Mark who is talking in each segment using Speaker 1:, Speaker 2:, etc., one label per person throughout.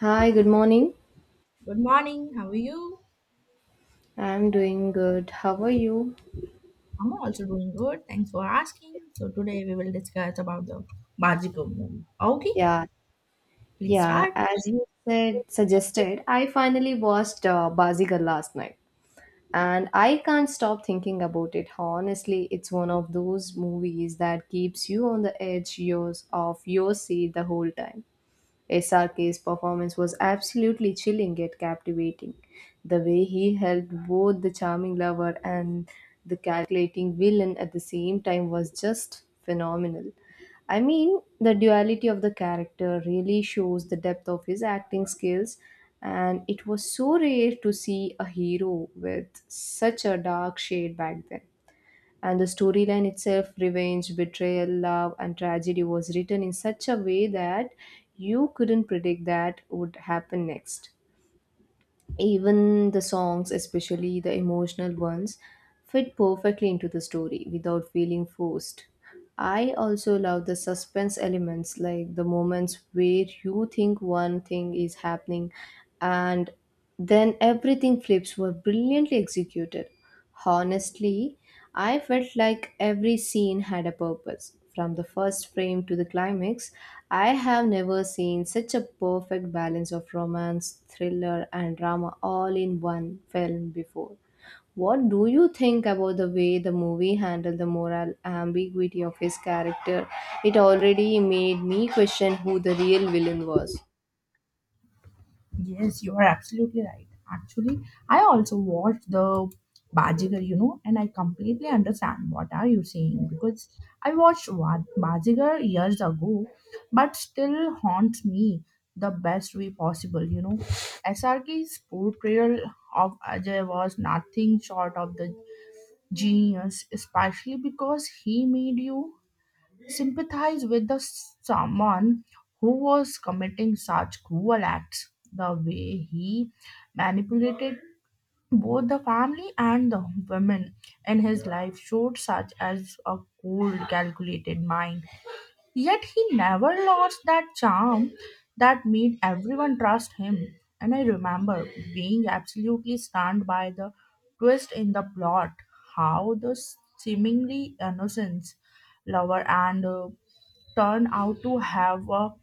Speaker 1: Hi, good morning.
Speaker 2: Good morning. How are you?
Speaker 1: I'm doing good. How are you?
Speaker 2: I'm also doing good. Thanks for asking. So today we will discuss about the Bajiko movie. Okay,
Speaker 1: Yeah,
Speaker 2: please
Speaker 1: yeah.
Speaker 2: start.
Speaker 1: As you said, suggested, I finally watched Bazigar last night, and I can't stop thinking about it. Honestly, it's one of those movies that keeps you on the edge yours of your seat the whole time. SRK's performance was absolutely chilling yet captivating. The way he held both the charming lover and the calculating villain at the same time was just phenomenal. I mean, the duality of the character really shows the depth of his acting skills, and it was so rare to see a hero with such a dark shade back then. And the storyline itself, revenge, betrayal, love, and tragedy, was written in such a way that you couldn't predict that would happen next. Even the songs, especially the emotional ones, fit perfectly into the story without feeling forced. I also love the suspense elements, like the moments where you think one thing is happening and then everything flips, were brilliantly executed. Honestly, I felt like every scene had a purpose. From the first frame to the climax, I have never seen such a perfect balance of romance, thriller, and drama all in one film before. What do you think about the way the movie handled the moral ambiguity of his character? It already made me question who the real villain was.
Speaker 2: Yes, you are absolutely right. Actually, I also watched the Bajigar, and I completely understand what are you saying because I watched Bajigar years ago, but still haunts me the best way possible. SRK's portrayal of Ajay was nothing short of the genius, especially because he made you sympathize with the someone who was committing such cruel acts. The way he manipulated both the family and the women in his life showed such as a cold, calculated mind. Yet he never lost that charm that made everyone trust him. And I remember being absolutely stunned by the twist in the plot, how the seemingly innocent lover and turn out to have a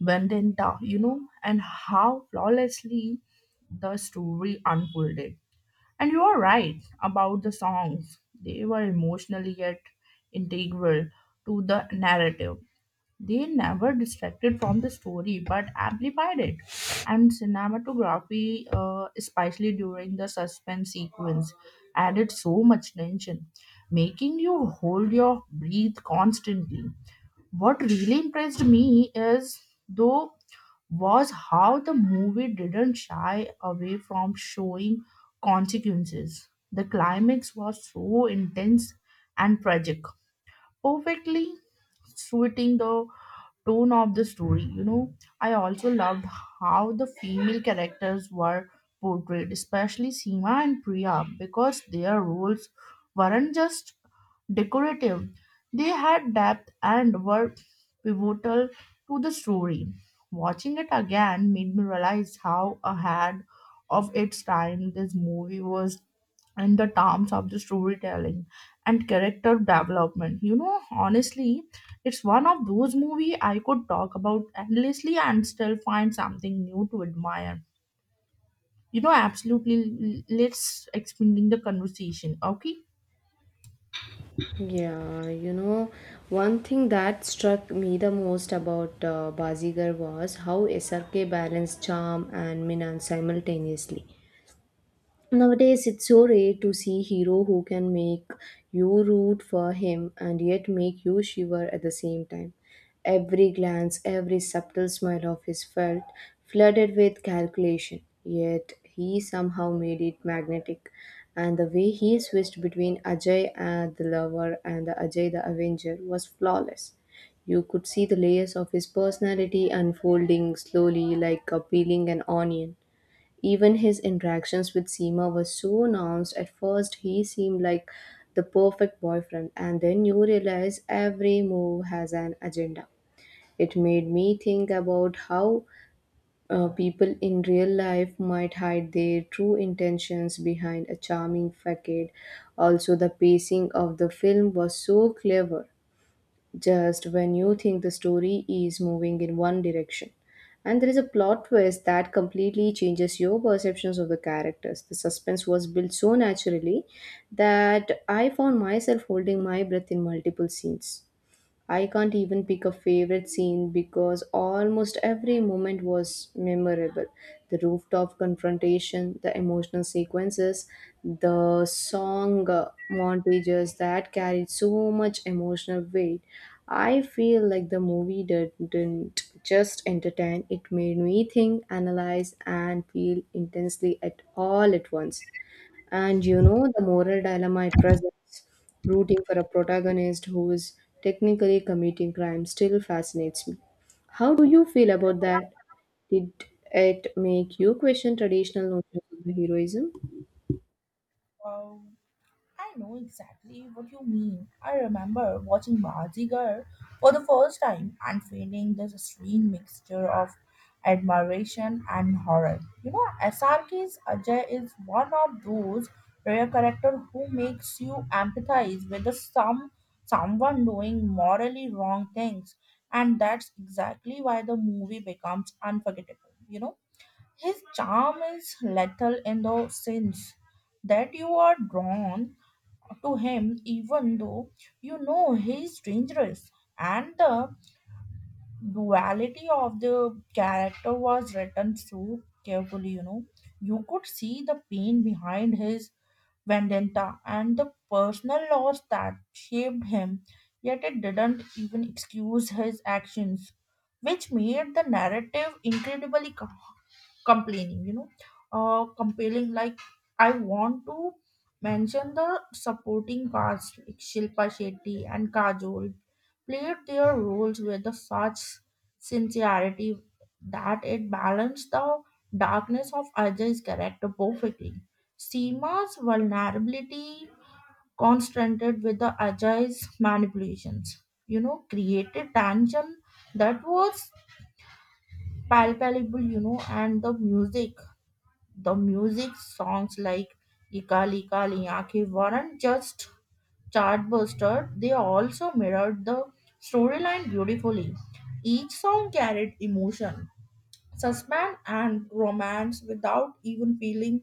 Speaker 2: vendetta, and how flawlessly the story unfolded. And you are right about the songs; they were emotionally yet integral to the narrative. They never distracted from the story but amplified it. And cinematography, especially during the suspense sequence, added so much tension, making you hold your breath constantly. What really impressed me, is, though, was how the movie didn't shy away from showing consequences. The climax was so intense and tragic, perfectly suiting the tone of the story. You know, I also loved how the female characters were portrayed, especially Seema and Priya, because their roles weren't just decorative. They had depth and were pivotal to the story. Watching it again made me realize how ahead of its time this movie was in the terms of the storytelling and character development. Honestly, it's one of those movies I could talk about endlessly and still find something new to admire. Absolutely. Let's expanding the conversation. Okay.
Speaker 1: Yeah, one thing that struck me the most about Bazigar was how SRK balanced charm and Minan simultaneously. Nowadays, it's so rare to see hero who can make you root for him and yet make you shiver at the same time. Every glance, every subtle smile of his felt flooded with calculation, yet he somehow made it magnetic. And the way he switched between Ajay and the lover and the Ajay the Avenger was flawless. You could see the layers of his personality unfolding slowly like a peeling an onion. Even his interactions with Seema were so nuanced. At first, he seemed like the perfect boyfriend, and then you realize every move has an agenda. It made me think about how people in real life might hide their true intentions behind a charming facade. Also, the pacing of the film was so clever just when you think the story is moving in one direction. And there is a plot twist that completely changes your perceptions of the characters. The suspense was built so naturally that I found myself holding my breath in multiple scenes. I can't even pick a favorite scene because almost every moment was memorable. The rooftop confrontation, the emotional sequences, the song montages that carried so much emotional weight. I feel like the movie didn't just entertain, it made me think, analyze, and feel intensely at all at once. And you know, the moral dilemma it presents, rooting for a protagonist who is technically committing crime, still fascinates me. How do you feel about that? Did it make you question traditional notions of the heroism?
Speaker 2: Wow. I know exactly what you mean. I remember watching Bazigar for the first time and feeling this strange mixture of admiration and horror. You know, SRK's Ajay is one of those rare characters who makes you empathize with the some someone doing morally wrong things, and that's exactly why the movie becomes unforgettable. You know, his charm is lethal in the sense that you are drawn to him even though you know he is dangerous, and the duality of the character was written so carefully. You know, you could see the pain behind his vendetta and the personal loss that shaped him, yet it didn't even excuse his actions, which made the narrative incredibly complaining you know compelling. Like, I want to mention the supporting cast like Shilpa Shetty and Kajol played their roles with the such sincerity that it balanced the darkness of Ajay's character perfectly. Seema's vulnerability contrasted with the Ajay's manipulations, you know, created tension that was palpable, you know, and the music songs like "Ikali Kali" Liya Ki weren't just chartbuster, they also mirrored the storyline beautifully. Each song carried emotion, suspense, and romance without even feeling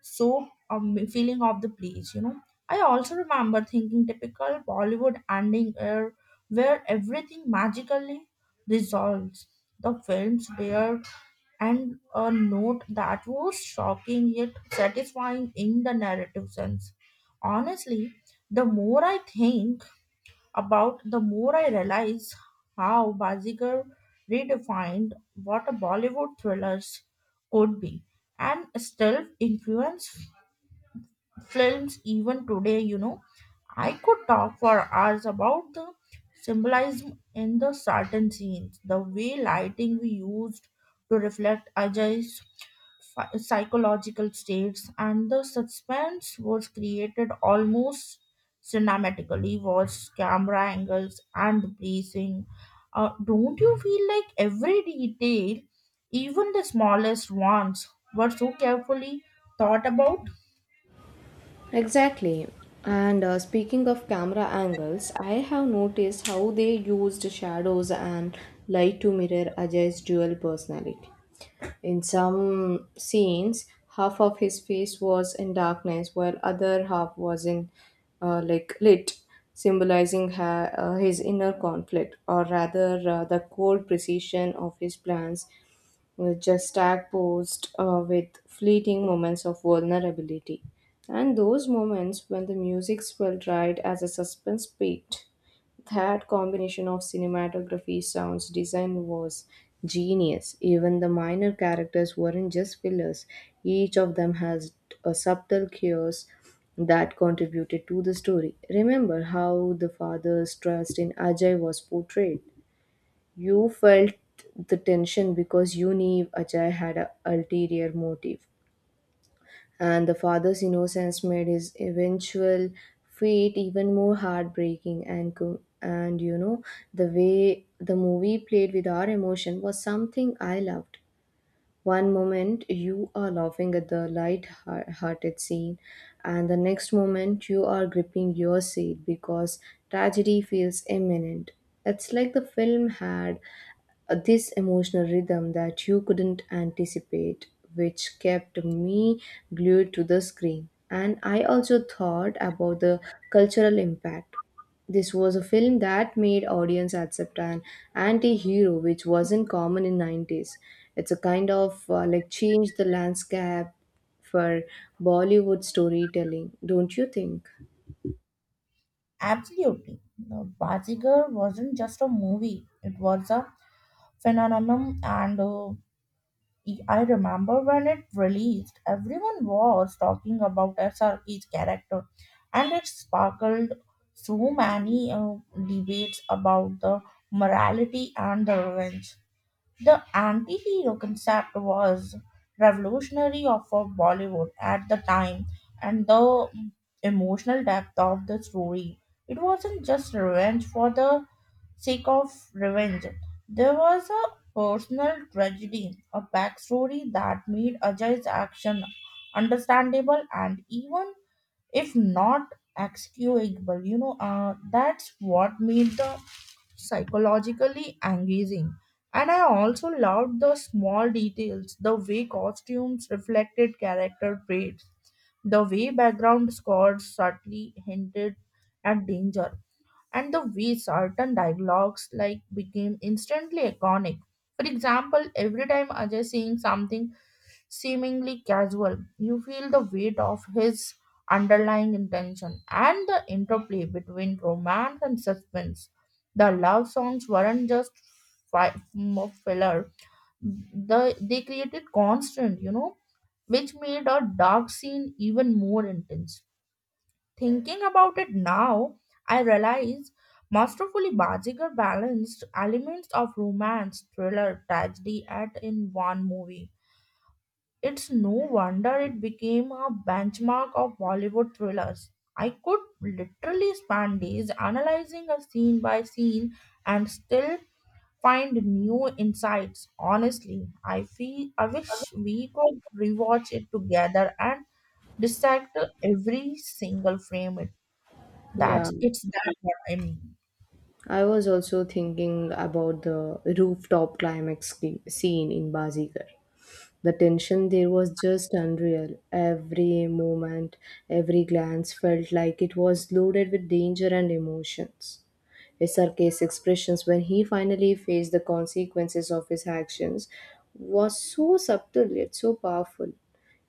Speaker 2: so um, feeling of the place. You know, I also remember thinking typical Bollywood ending where everything magically resolves. The films were and a note that was shocking yet satisfying in the narrative sense. Honestly, the more I think about, the more I realize how Bazigar redefined what a Bollywood thrillers could be and still influence films even today, you know. I could talk for hours about the symbolism in the certain scenes, the way lighting we used to reflect Ajay's psychological states, and the suspense was created almost cinematically. Was camera angles and the breathing. Don't you feel like every detail, even the smallest ones, were so carefully thought about?
Speaker 1: Exactly. And speaking of camera angles, I have noticed how they used shadows and light to mirror Ajay's dual personality. In some scenes, half of his face was in darkness, while other half was in like lit, symbolizing his inner conflict, or rather, the cold precision of his plans was just tag-posed with fleeting moments of vulnerability. And those moments when the music swelled right as the suspense peaked. That combination of cinematography, sounds, design was genius. Even the minor characters weren't just fillers, each of them has a subtle chaos that contributed to the story. Remember how the father's trust in Ajay was portrayed. You felt the tension because you knew Ajay had an ulterior motive and the father's innocence made his eventual fate even more heartbreaking. And the way the movie played with our emotion was something I loved. One moment you are laughing at the light hearted scene, and the next moment you are gripping your seat because tragedy feels imminent. It's like the film had this emotional rhythm that you couldn't anticipate, which kept me glued to the screen. And I also thought about the cultural impact. This was a film that made audience accept an anti-hero which wasn't common in 90s. It's a kind of like change the landscape for Bollywood storytelling, don't you think?
Speaker 2: Absolutely. The Bajigar wasn't just a movie, it was a phenomenon, and I remember when it released, everyone was talking about SRK's character, and it sparkled so many debates about the morality and the revenge. The anti hero concept was revolutionary of Bollywood at the time, and the emotional depth of the story. It wasn't just revenge for the seek of revenge. There was a personal tragedy, a backstory that made Ajay's action understandable and even if not excusable, that's what made the psychologically engaging. And I also loved the small details, the way costumes reflected character traits, the way background scores subtly hinted at danger, and the way certain dialogues like became instantly iconic. For example, every time Ajay saying something seemingly casual, you feel the weight of his underlying intention and the interplay between romance and suspense. The love songs weren't just more filler; they created constant, you know, which made a dark scene even more intense. Thinking about it now, I realize Masterfully Bajigar balanced elements of romance, thriller, tragedy at in one movie. It's no wonder it became a benchmark of Bollywood thrillers. I could literally spend days analyzing a scene by scene and still find new insights. Honestly, I feel I wish we could rewatch it together and dissect every single frame.
Speaker 1: Yeah,
Speaker 2: That's it's that what I mean.
Speaker 1: I was also thinking about the rooftop climax scene in Bazigar. The tension there was just unreal. Every moment, every glance felt like it was loaded with danger and emotions. His sarcastic expressions when he finally faced the consequences of his actions was so subtle yet so powerful.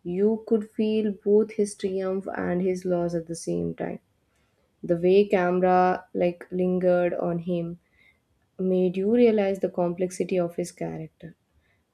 Speaker 1: You could feel both his triumph and his loss at the same time. The way camera like lingered on him made you realize the complexity of his character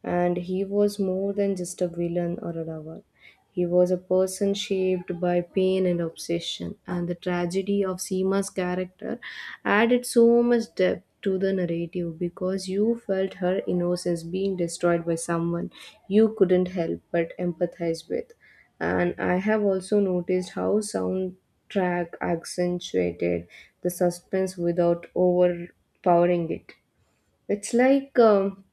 Speaker 1: and he was more than just a villain or a lover. He was a person shaped by pain and obsession, and the tragedy of Seema's character added so much depth to the narrative because you felt her innocence being destroyed by someone you couldn't help but empathize with. And I have also noticed how soundtrack accentuated the suspense without overpowering it. It's like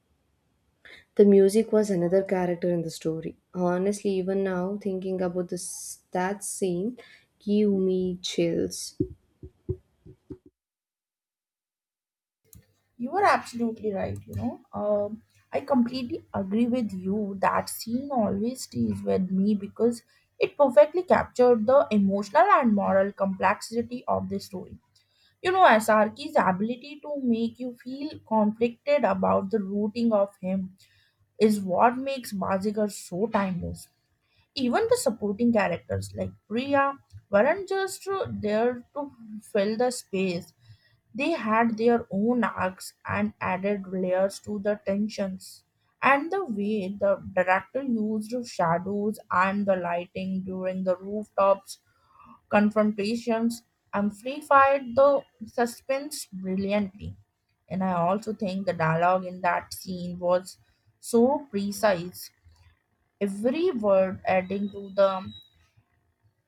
Speaker 1: the music was another character in the story. Honestly, even now, thinking about this that scene give me chills.
Speaker 2: You are absolutely right, I completely agree with you. That scene always stays with me because it perfectly captured the emotional and moral complexity of the story. You know, SRK's ability to make you feel conflicted about the rooting of him is what makes Bazigar so timeless. Even the supporting characters like Priya weren't just there to fill the space. They had their own arcs and added layers to the tensions. And the way the director used shadows and the lighting during the rooftops confrontations amplified the suspense brilliantly. And I also think the dialogue in that scene was so precise, every word adding to the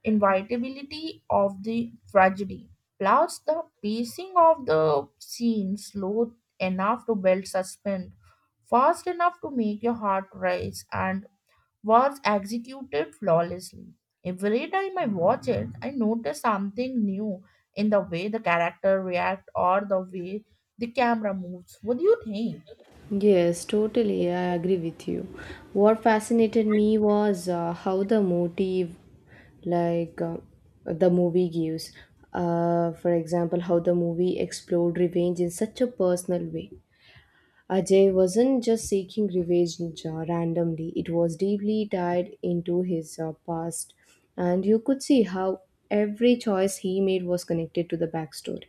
Speaker 2: inevitability of the tragedy, plus the pacing of the scene slow enough to build suspense, fast enough to make your heart race, and was executed flawlessly. Every time I watch it, I notice something new in the way the character react or the way the camera moves. What do you think?
Speaker 1: Yes, totally, I agree with you. What fascinated me was how the motive, like the movie gives. For example, how the movie explored revenge in such a personal way. Ajay wasn't just seeking revenge randomly, it was deeply tied into his past, and you could see how every choice he made was connected to the backstory.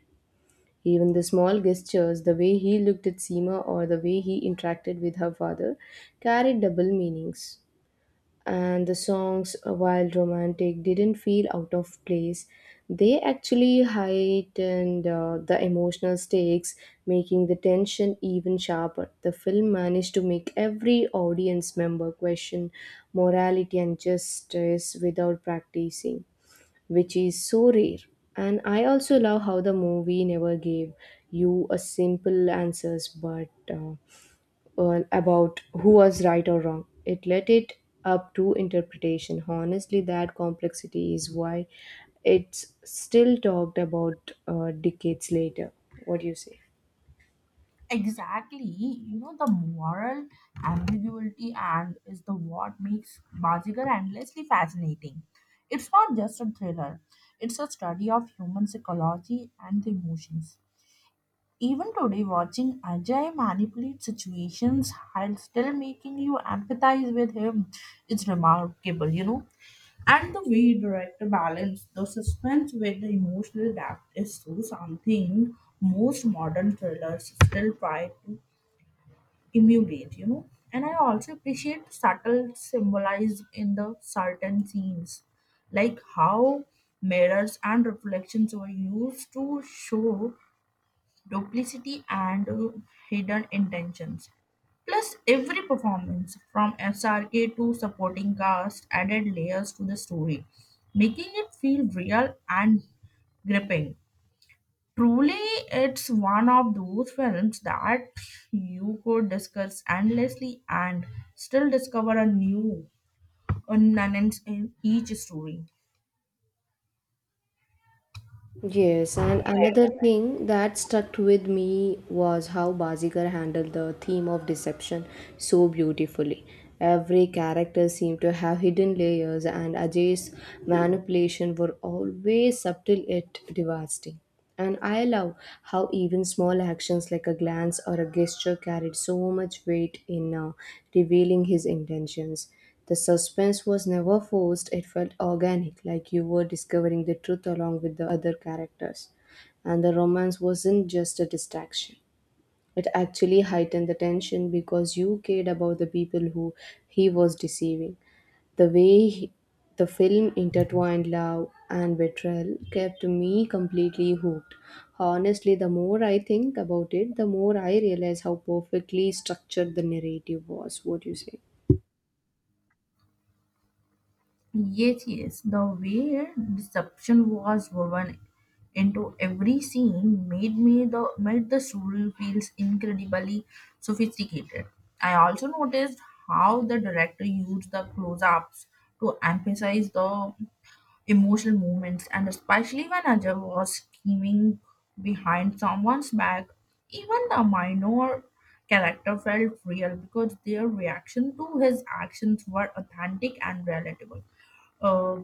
Speaker 1: Even the small gestures, the way he looked at Seema or the way he interacted with her father, carried double meanings and the songs, while romantic, didn't feel out of place. They actually heightened the emotional stakes, making the tension even sharper. The film managed to make every audience member question morality and justice without practicing, which is so rare. And I also love how the movie never gave you a simple answers, but well, about who was right or wrong. It let it up to interpretation. Honestly, that complexity is why it's still talked about decades later. What do you say?
Speaker 2: Exactly. You know, the moral ambiguity and is the what makes Bajigar endlessly fascinating. It's not just a thriller, it's a study of human psychology and the emotions. Even today, watching Ajay manipulate situations while still making you empathize with him is remarkable, you know. And the way director balance the suspense with the emotional depth is so something most modern thrillers still try to emulate, you know. And I also appreciate the subtle symbolism in the certain scenes, like how mirrors and reflections were used to show duplicity and hidden intentions. Plus, every performance from SRK to supporting cast added layers to the story, making it feel real and gripping. Truly, it's one of those films that you could discuss endlessly and still discover a new nuance in each story.
Speaker 1: Yes, and another thing that stuck with me was how Bazigar handled the theme of deception so beautifully. Every character seemed to have hidden layers, and Ajay's manipulation were always subtle yet devastating. And I love how even small actions like a glance or a gesture carried so much weight in revealing his intentions. The suspense was never forced, it felt organic, like you were discovering the truth along with the other characters. And the romance wasn't just a distraction, it actually heightened the tension because you cared about the people who he was deceiving. The way the film intertwined love and betrayal kept me completely hooked. Honestly, the more I think about it, the more I realize how perfectly structured the narrative was. What do you say?
Speaker 2: Yes, the way deception was woven into every scene made the story feels incredibly sophisticated. I also noticed how the director used the close-ups to emphasize the emotional moments, and especially when a judge was scheming behind someone's back, even the minor character felt real because their reaction to his actions were authentic and relatable. Uh,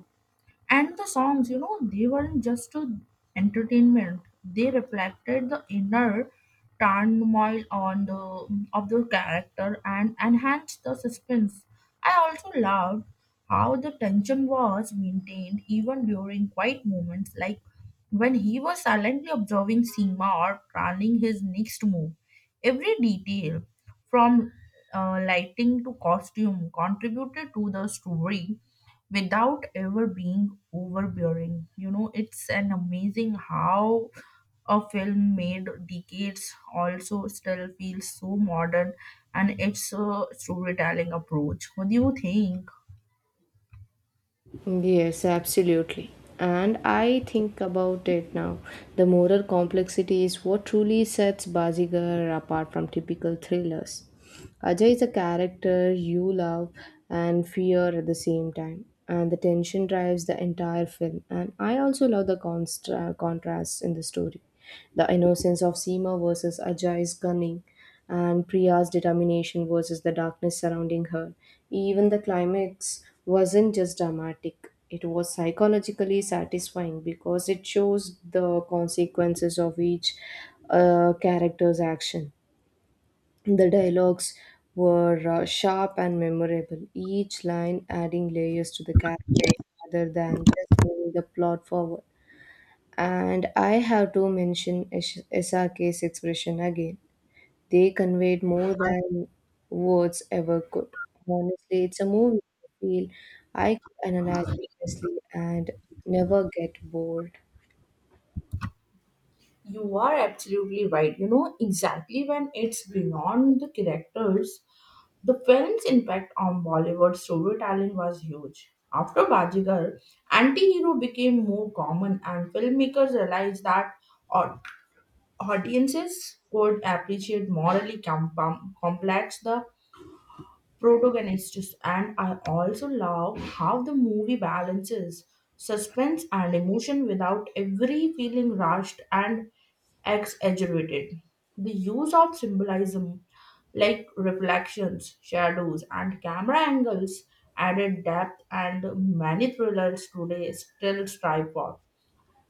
Speaker 2: and the songs, you know, they weren't just to entertainment; they reflected the inner turmoil on the of the character and enhanced the suspense. I also loved how the tension was maintained even during quiet moments like when he was silently observing Seema or planning his next move, every detail, from lighting to costume, contributed to the story without ever being overbearing. You know, it's an amazing how a film made decades also still feels so modern and it's a storytelling approach. What do you think?
Speaker 1: Yes, absolutely. And I think about it now. The moral complexity is what truly sets Bazigar apart from typical thrillers. Ajay is a character you love and fear at the same time, and the tension drives the entire film. And I also love the contrasts in the story. The innocence of Seema versus Ajay's cunning, and Priya's determination versus the darkness surrounding her. Even the climax wasn't just dramatic, it was psychologically satisfying because it shows the consequences of each character's action. The dialogues were sharp and memorable, each line adding layers to the characters rather than just moving the plot forward. And I have to mention Isake's expression again. They conveyed more than words ever could. Honestly, it's a movie I feel I could analyze endlessly and never get bored.
Speaker 2: You are absolutely right. You know, exactly when it's beyond the characters, the film's impact on Bollywood storytelling was huge. After Bajigar, anti-hero became more common and filmmakers realized that au- audiences could appreciate morally complex the protagonists, and I also love how the movie balances suspense and emotion without every feeling rushed and exaggerated. The use of symbolism like reflections, shadows, and camera angles added depth, and many thrillers today still strive for.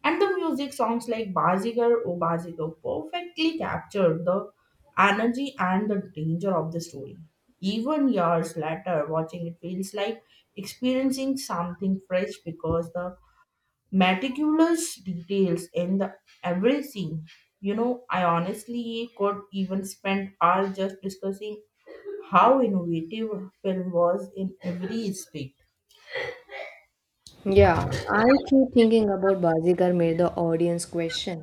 Speaker 2: And the music songs like Bazigar O Bazigar perfectly captured the energy and the danger of the story. Even years later, watching it feels like experiencing something fresh because the meticulous details in the every scene, you know, I honestly could even spend hours just discussing how innovative film was in every aspect.
Speaker 1: Yeah, I keep thinking about Bazigar made the audience question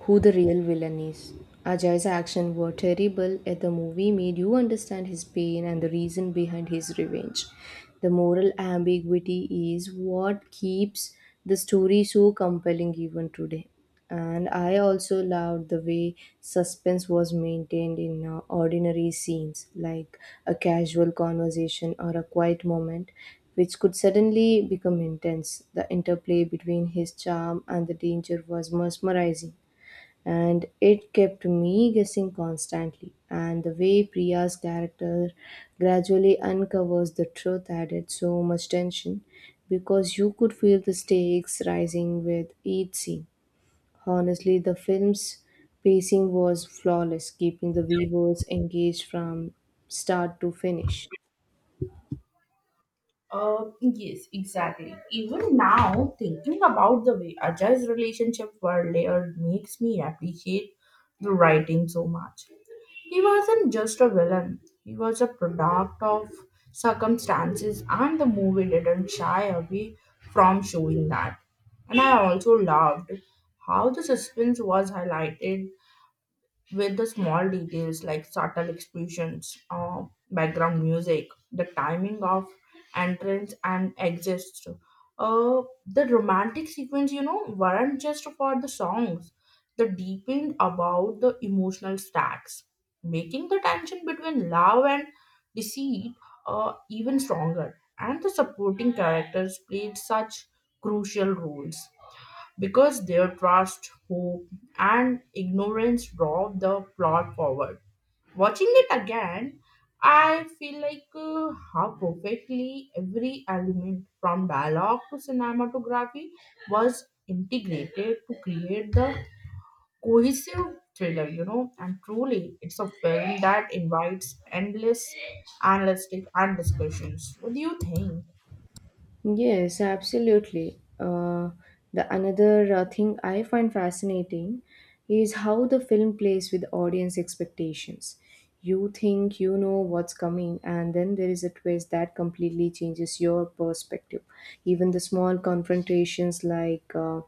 Speaker 1: who the real villain is. Ajay's actions were terrible, yet the movie made you understand his pain and the reason behind his revenge. The moral ambiguity is what keeps the story so compelling even today. And I also loved the way suspense was maintained in ordinary scenes, like a casual conversation or a quiet moment, which could suddenly become intense. The interplay between his charm and the danger was mesmerizing, and it kept me guessing constantly. And the way Priya's character gradually uncovers the truth added so much tension because you could feel the stakes rising with each scene. Honestly, the film's pacing was flawless, keeping the viewers engaged from start to finish.
Speaker 2: Yes, exactly. Even now, thinking about the way Ajay's relationship were layered makes me appreciate the writing so much. He wasn't just a villain, he was a product of circumstances, and the movie didn't shy away from showing that. And I also loved how the suspense was highlighted with the small details like subtle expressions, background music, the timing of entrance and exits. The romantic sequence, you know, weren't just for the songs. They deepened about the emotional stacks, making the tension between love and deceit even stronger. And the supporting characters played such crucial roles because their trust, hope, and ignorance drove the plot forward. Watching it again, I feel like how perfectly every element from dialogue to cinematography was integrated to create the cohesive thriller, you know. And truly, it's a film that invites endless analytic and discussions. What do you think?
Speaker 1: Yes, absolutely. The another thing I find fascinating is how the film plays with audience expectations. You think you know what's coming, and then there is a twist that completely changes your perspective. Even the small confrontations like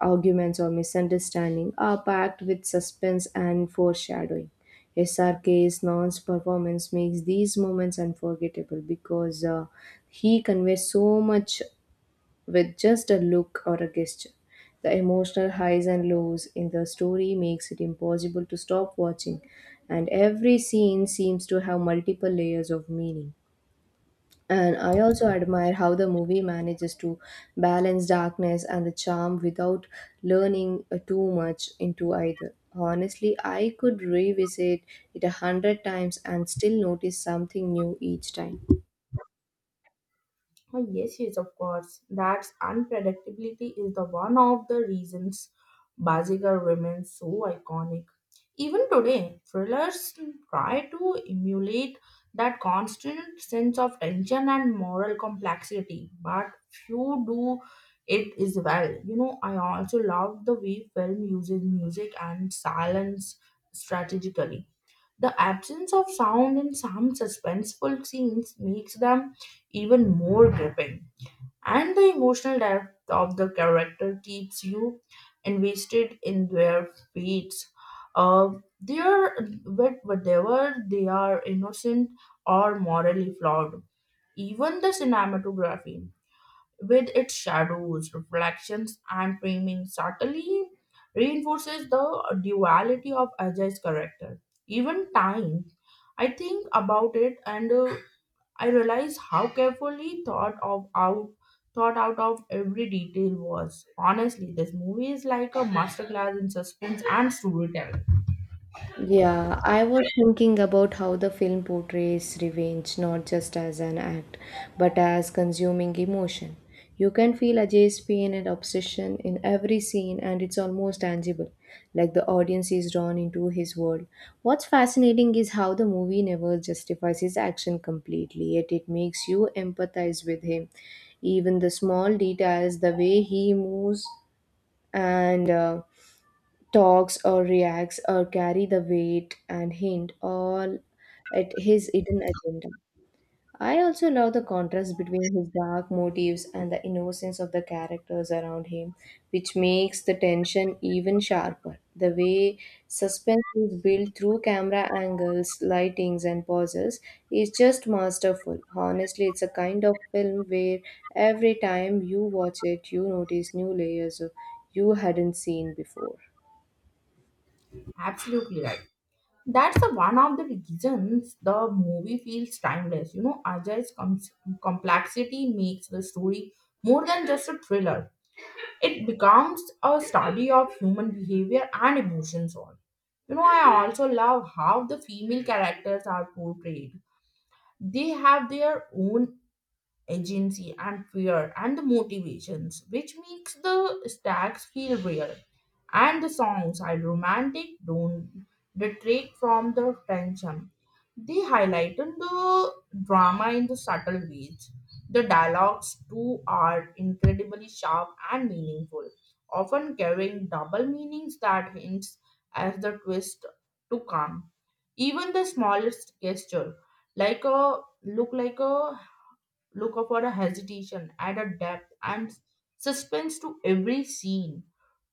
Speaker 1: arguments or misunderstanding are packed with suspense and foreshadowing. S. R. K. 's Non's performance makes these moments unforgettable because he conveys so much with just a look or a gesture. The emotional highs and lows in the story makes it impossible to stop watching, and every scene seems to have multiple layers of meaning. And I also admire how the movie manages to balance darkness and the charm without learning too much into either. Honestly, I could revisit it a hundred times and still notice something new each time.
Speaker 2: Oh, yes, of course. That's unpredictability is the one of the reasons Bazigar remains so iconic. Even today, thrillers try to emulate that constant sense of tension and moral complexity, but few do it as well. You know, I also love the way film uses music and silence strategically. The absence of sound in some suspenseful scenes makes them even more gripping, and the emotional depth of the character keeps you invested in their fates. Uh, Whether they are innocent or morally flawed. Even the cinematography, with its shadows, reflections, and framing, subtly reinforces the duality of Ajay's character. Even time I think about it and I realize how carefully thought out of every detail was. Honestly, this movie is like a masterclass in suspense and storytelling.
Speaker 1: Yeah, I was thinking about how the film portrays revenge not just as an act, but as consuming emotion. You can feel Ajay's pain and obsession in every scene, and it's almost tangible, like the audience is drawn into his world. What's fascinating is how the movie never justifies his action completely, yet it makes you empathize with him. Even the small details, the way he moves, and talks or reacts or carry the weight and hint all at his hidden agenda. I also love the contrast between his dark motives and the innocence of the characters around him, which makes the tension even sharper. The way suspense is built through camera angles, lightings, and pauses is just masterful. Honestly, it's a kind of film where every time you watch it, you notice new layers of you hadn't seen before.
Speaker 2: Absolutely right. That's the one of the reasons the movie feels timeless. You know, Ajay's complexity makes the story more than just a thriller. It becomes a study of human behavior and emotions. All, you know, I also love how the female characters are portrayed. They have their own agency and fear and motivations, which makes the stacks feel real. And the songs are romantic, don't detract from the tension. They highlighted the drama in the subtle ways. The dialogues too are incredibly sharp and meaningful, often carrying double meanings that hints at the twist to come. Even the smallest gesture, like a look for a hesitation, add a depth and suspense to every scene.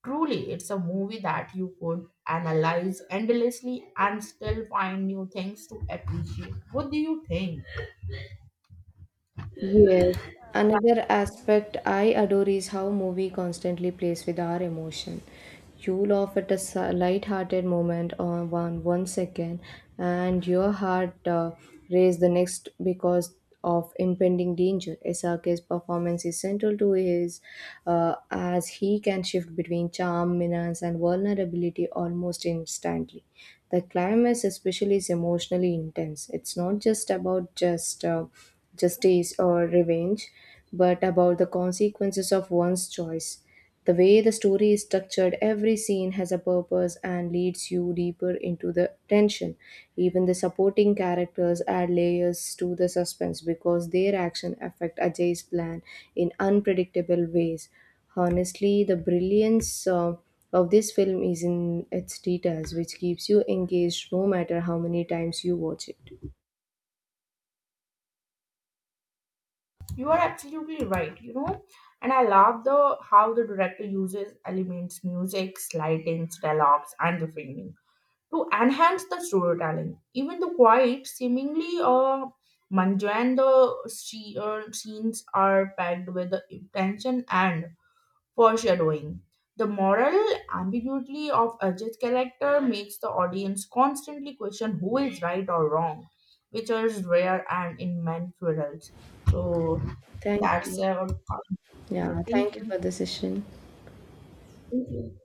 Speaker 2: Truly, it's a movie that you could analyze endlessly and still find new things to appreciate. What do you think?
Speaker 1: Yes. Another aspect I adore is how movie constantly plays with our emotion. You laugh at a light-hearted moment on one second, and your heart race the next because of impending danger. Isake's performance is central to his, as he can shift between charm, menace, and vulnerability almost instantly. The climax especially is emotionally intense. It's not just about justice or revenge, but about the consequences of one's choice. The way the story is structured, every scene has a purpose and leads you deeper into the tension. Even the supporting characters add layers to the suspense because their action affect Ajay's plan in unpredictable ways. Honestly, the brilliance of this film is in its details, which keeps you engaged no matter how many times you watch it.
Speaker 2: You are absolutely right, you know. And I love the how the director uses elements, music, lightings, dialogues, and the framing to enhance the storytelling. Even the quiet, seemingly scenes are packed with the tension and foreshadowing. The moral ambiguity of Ajit's character makes the audience constantly question who is right or wrong, which is rare and in many thrillers. So
Speaker 1: Thank
Speaker 2: that's
Speaker 1: you.
Speaker 2: yeah.
Speaker 1: Yeah,
Speaker 2: Thank
Speaker 1: thank you
Speaker 2: you.
Speaker 1: for the session.
Speaker 2: Thank you.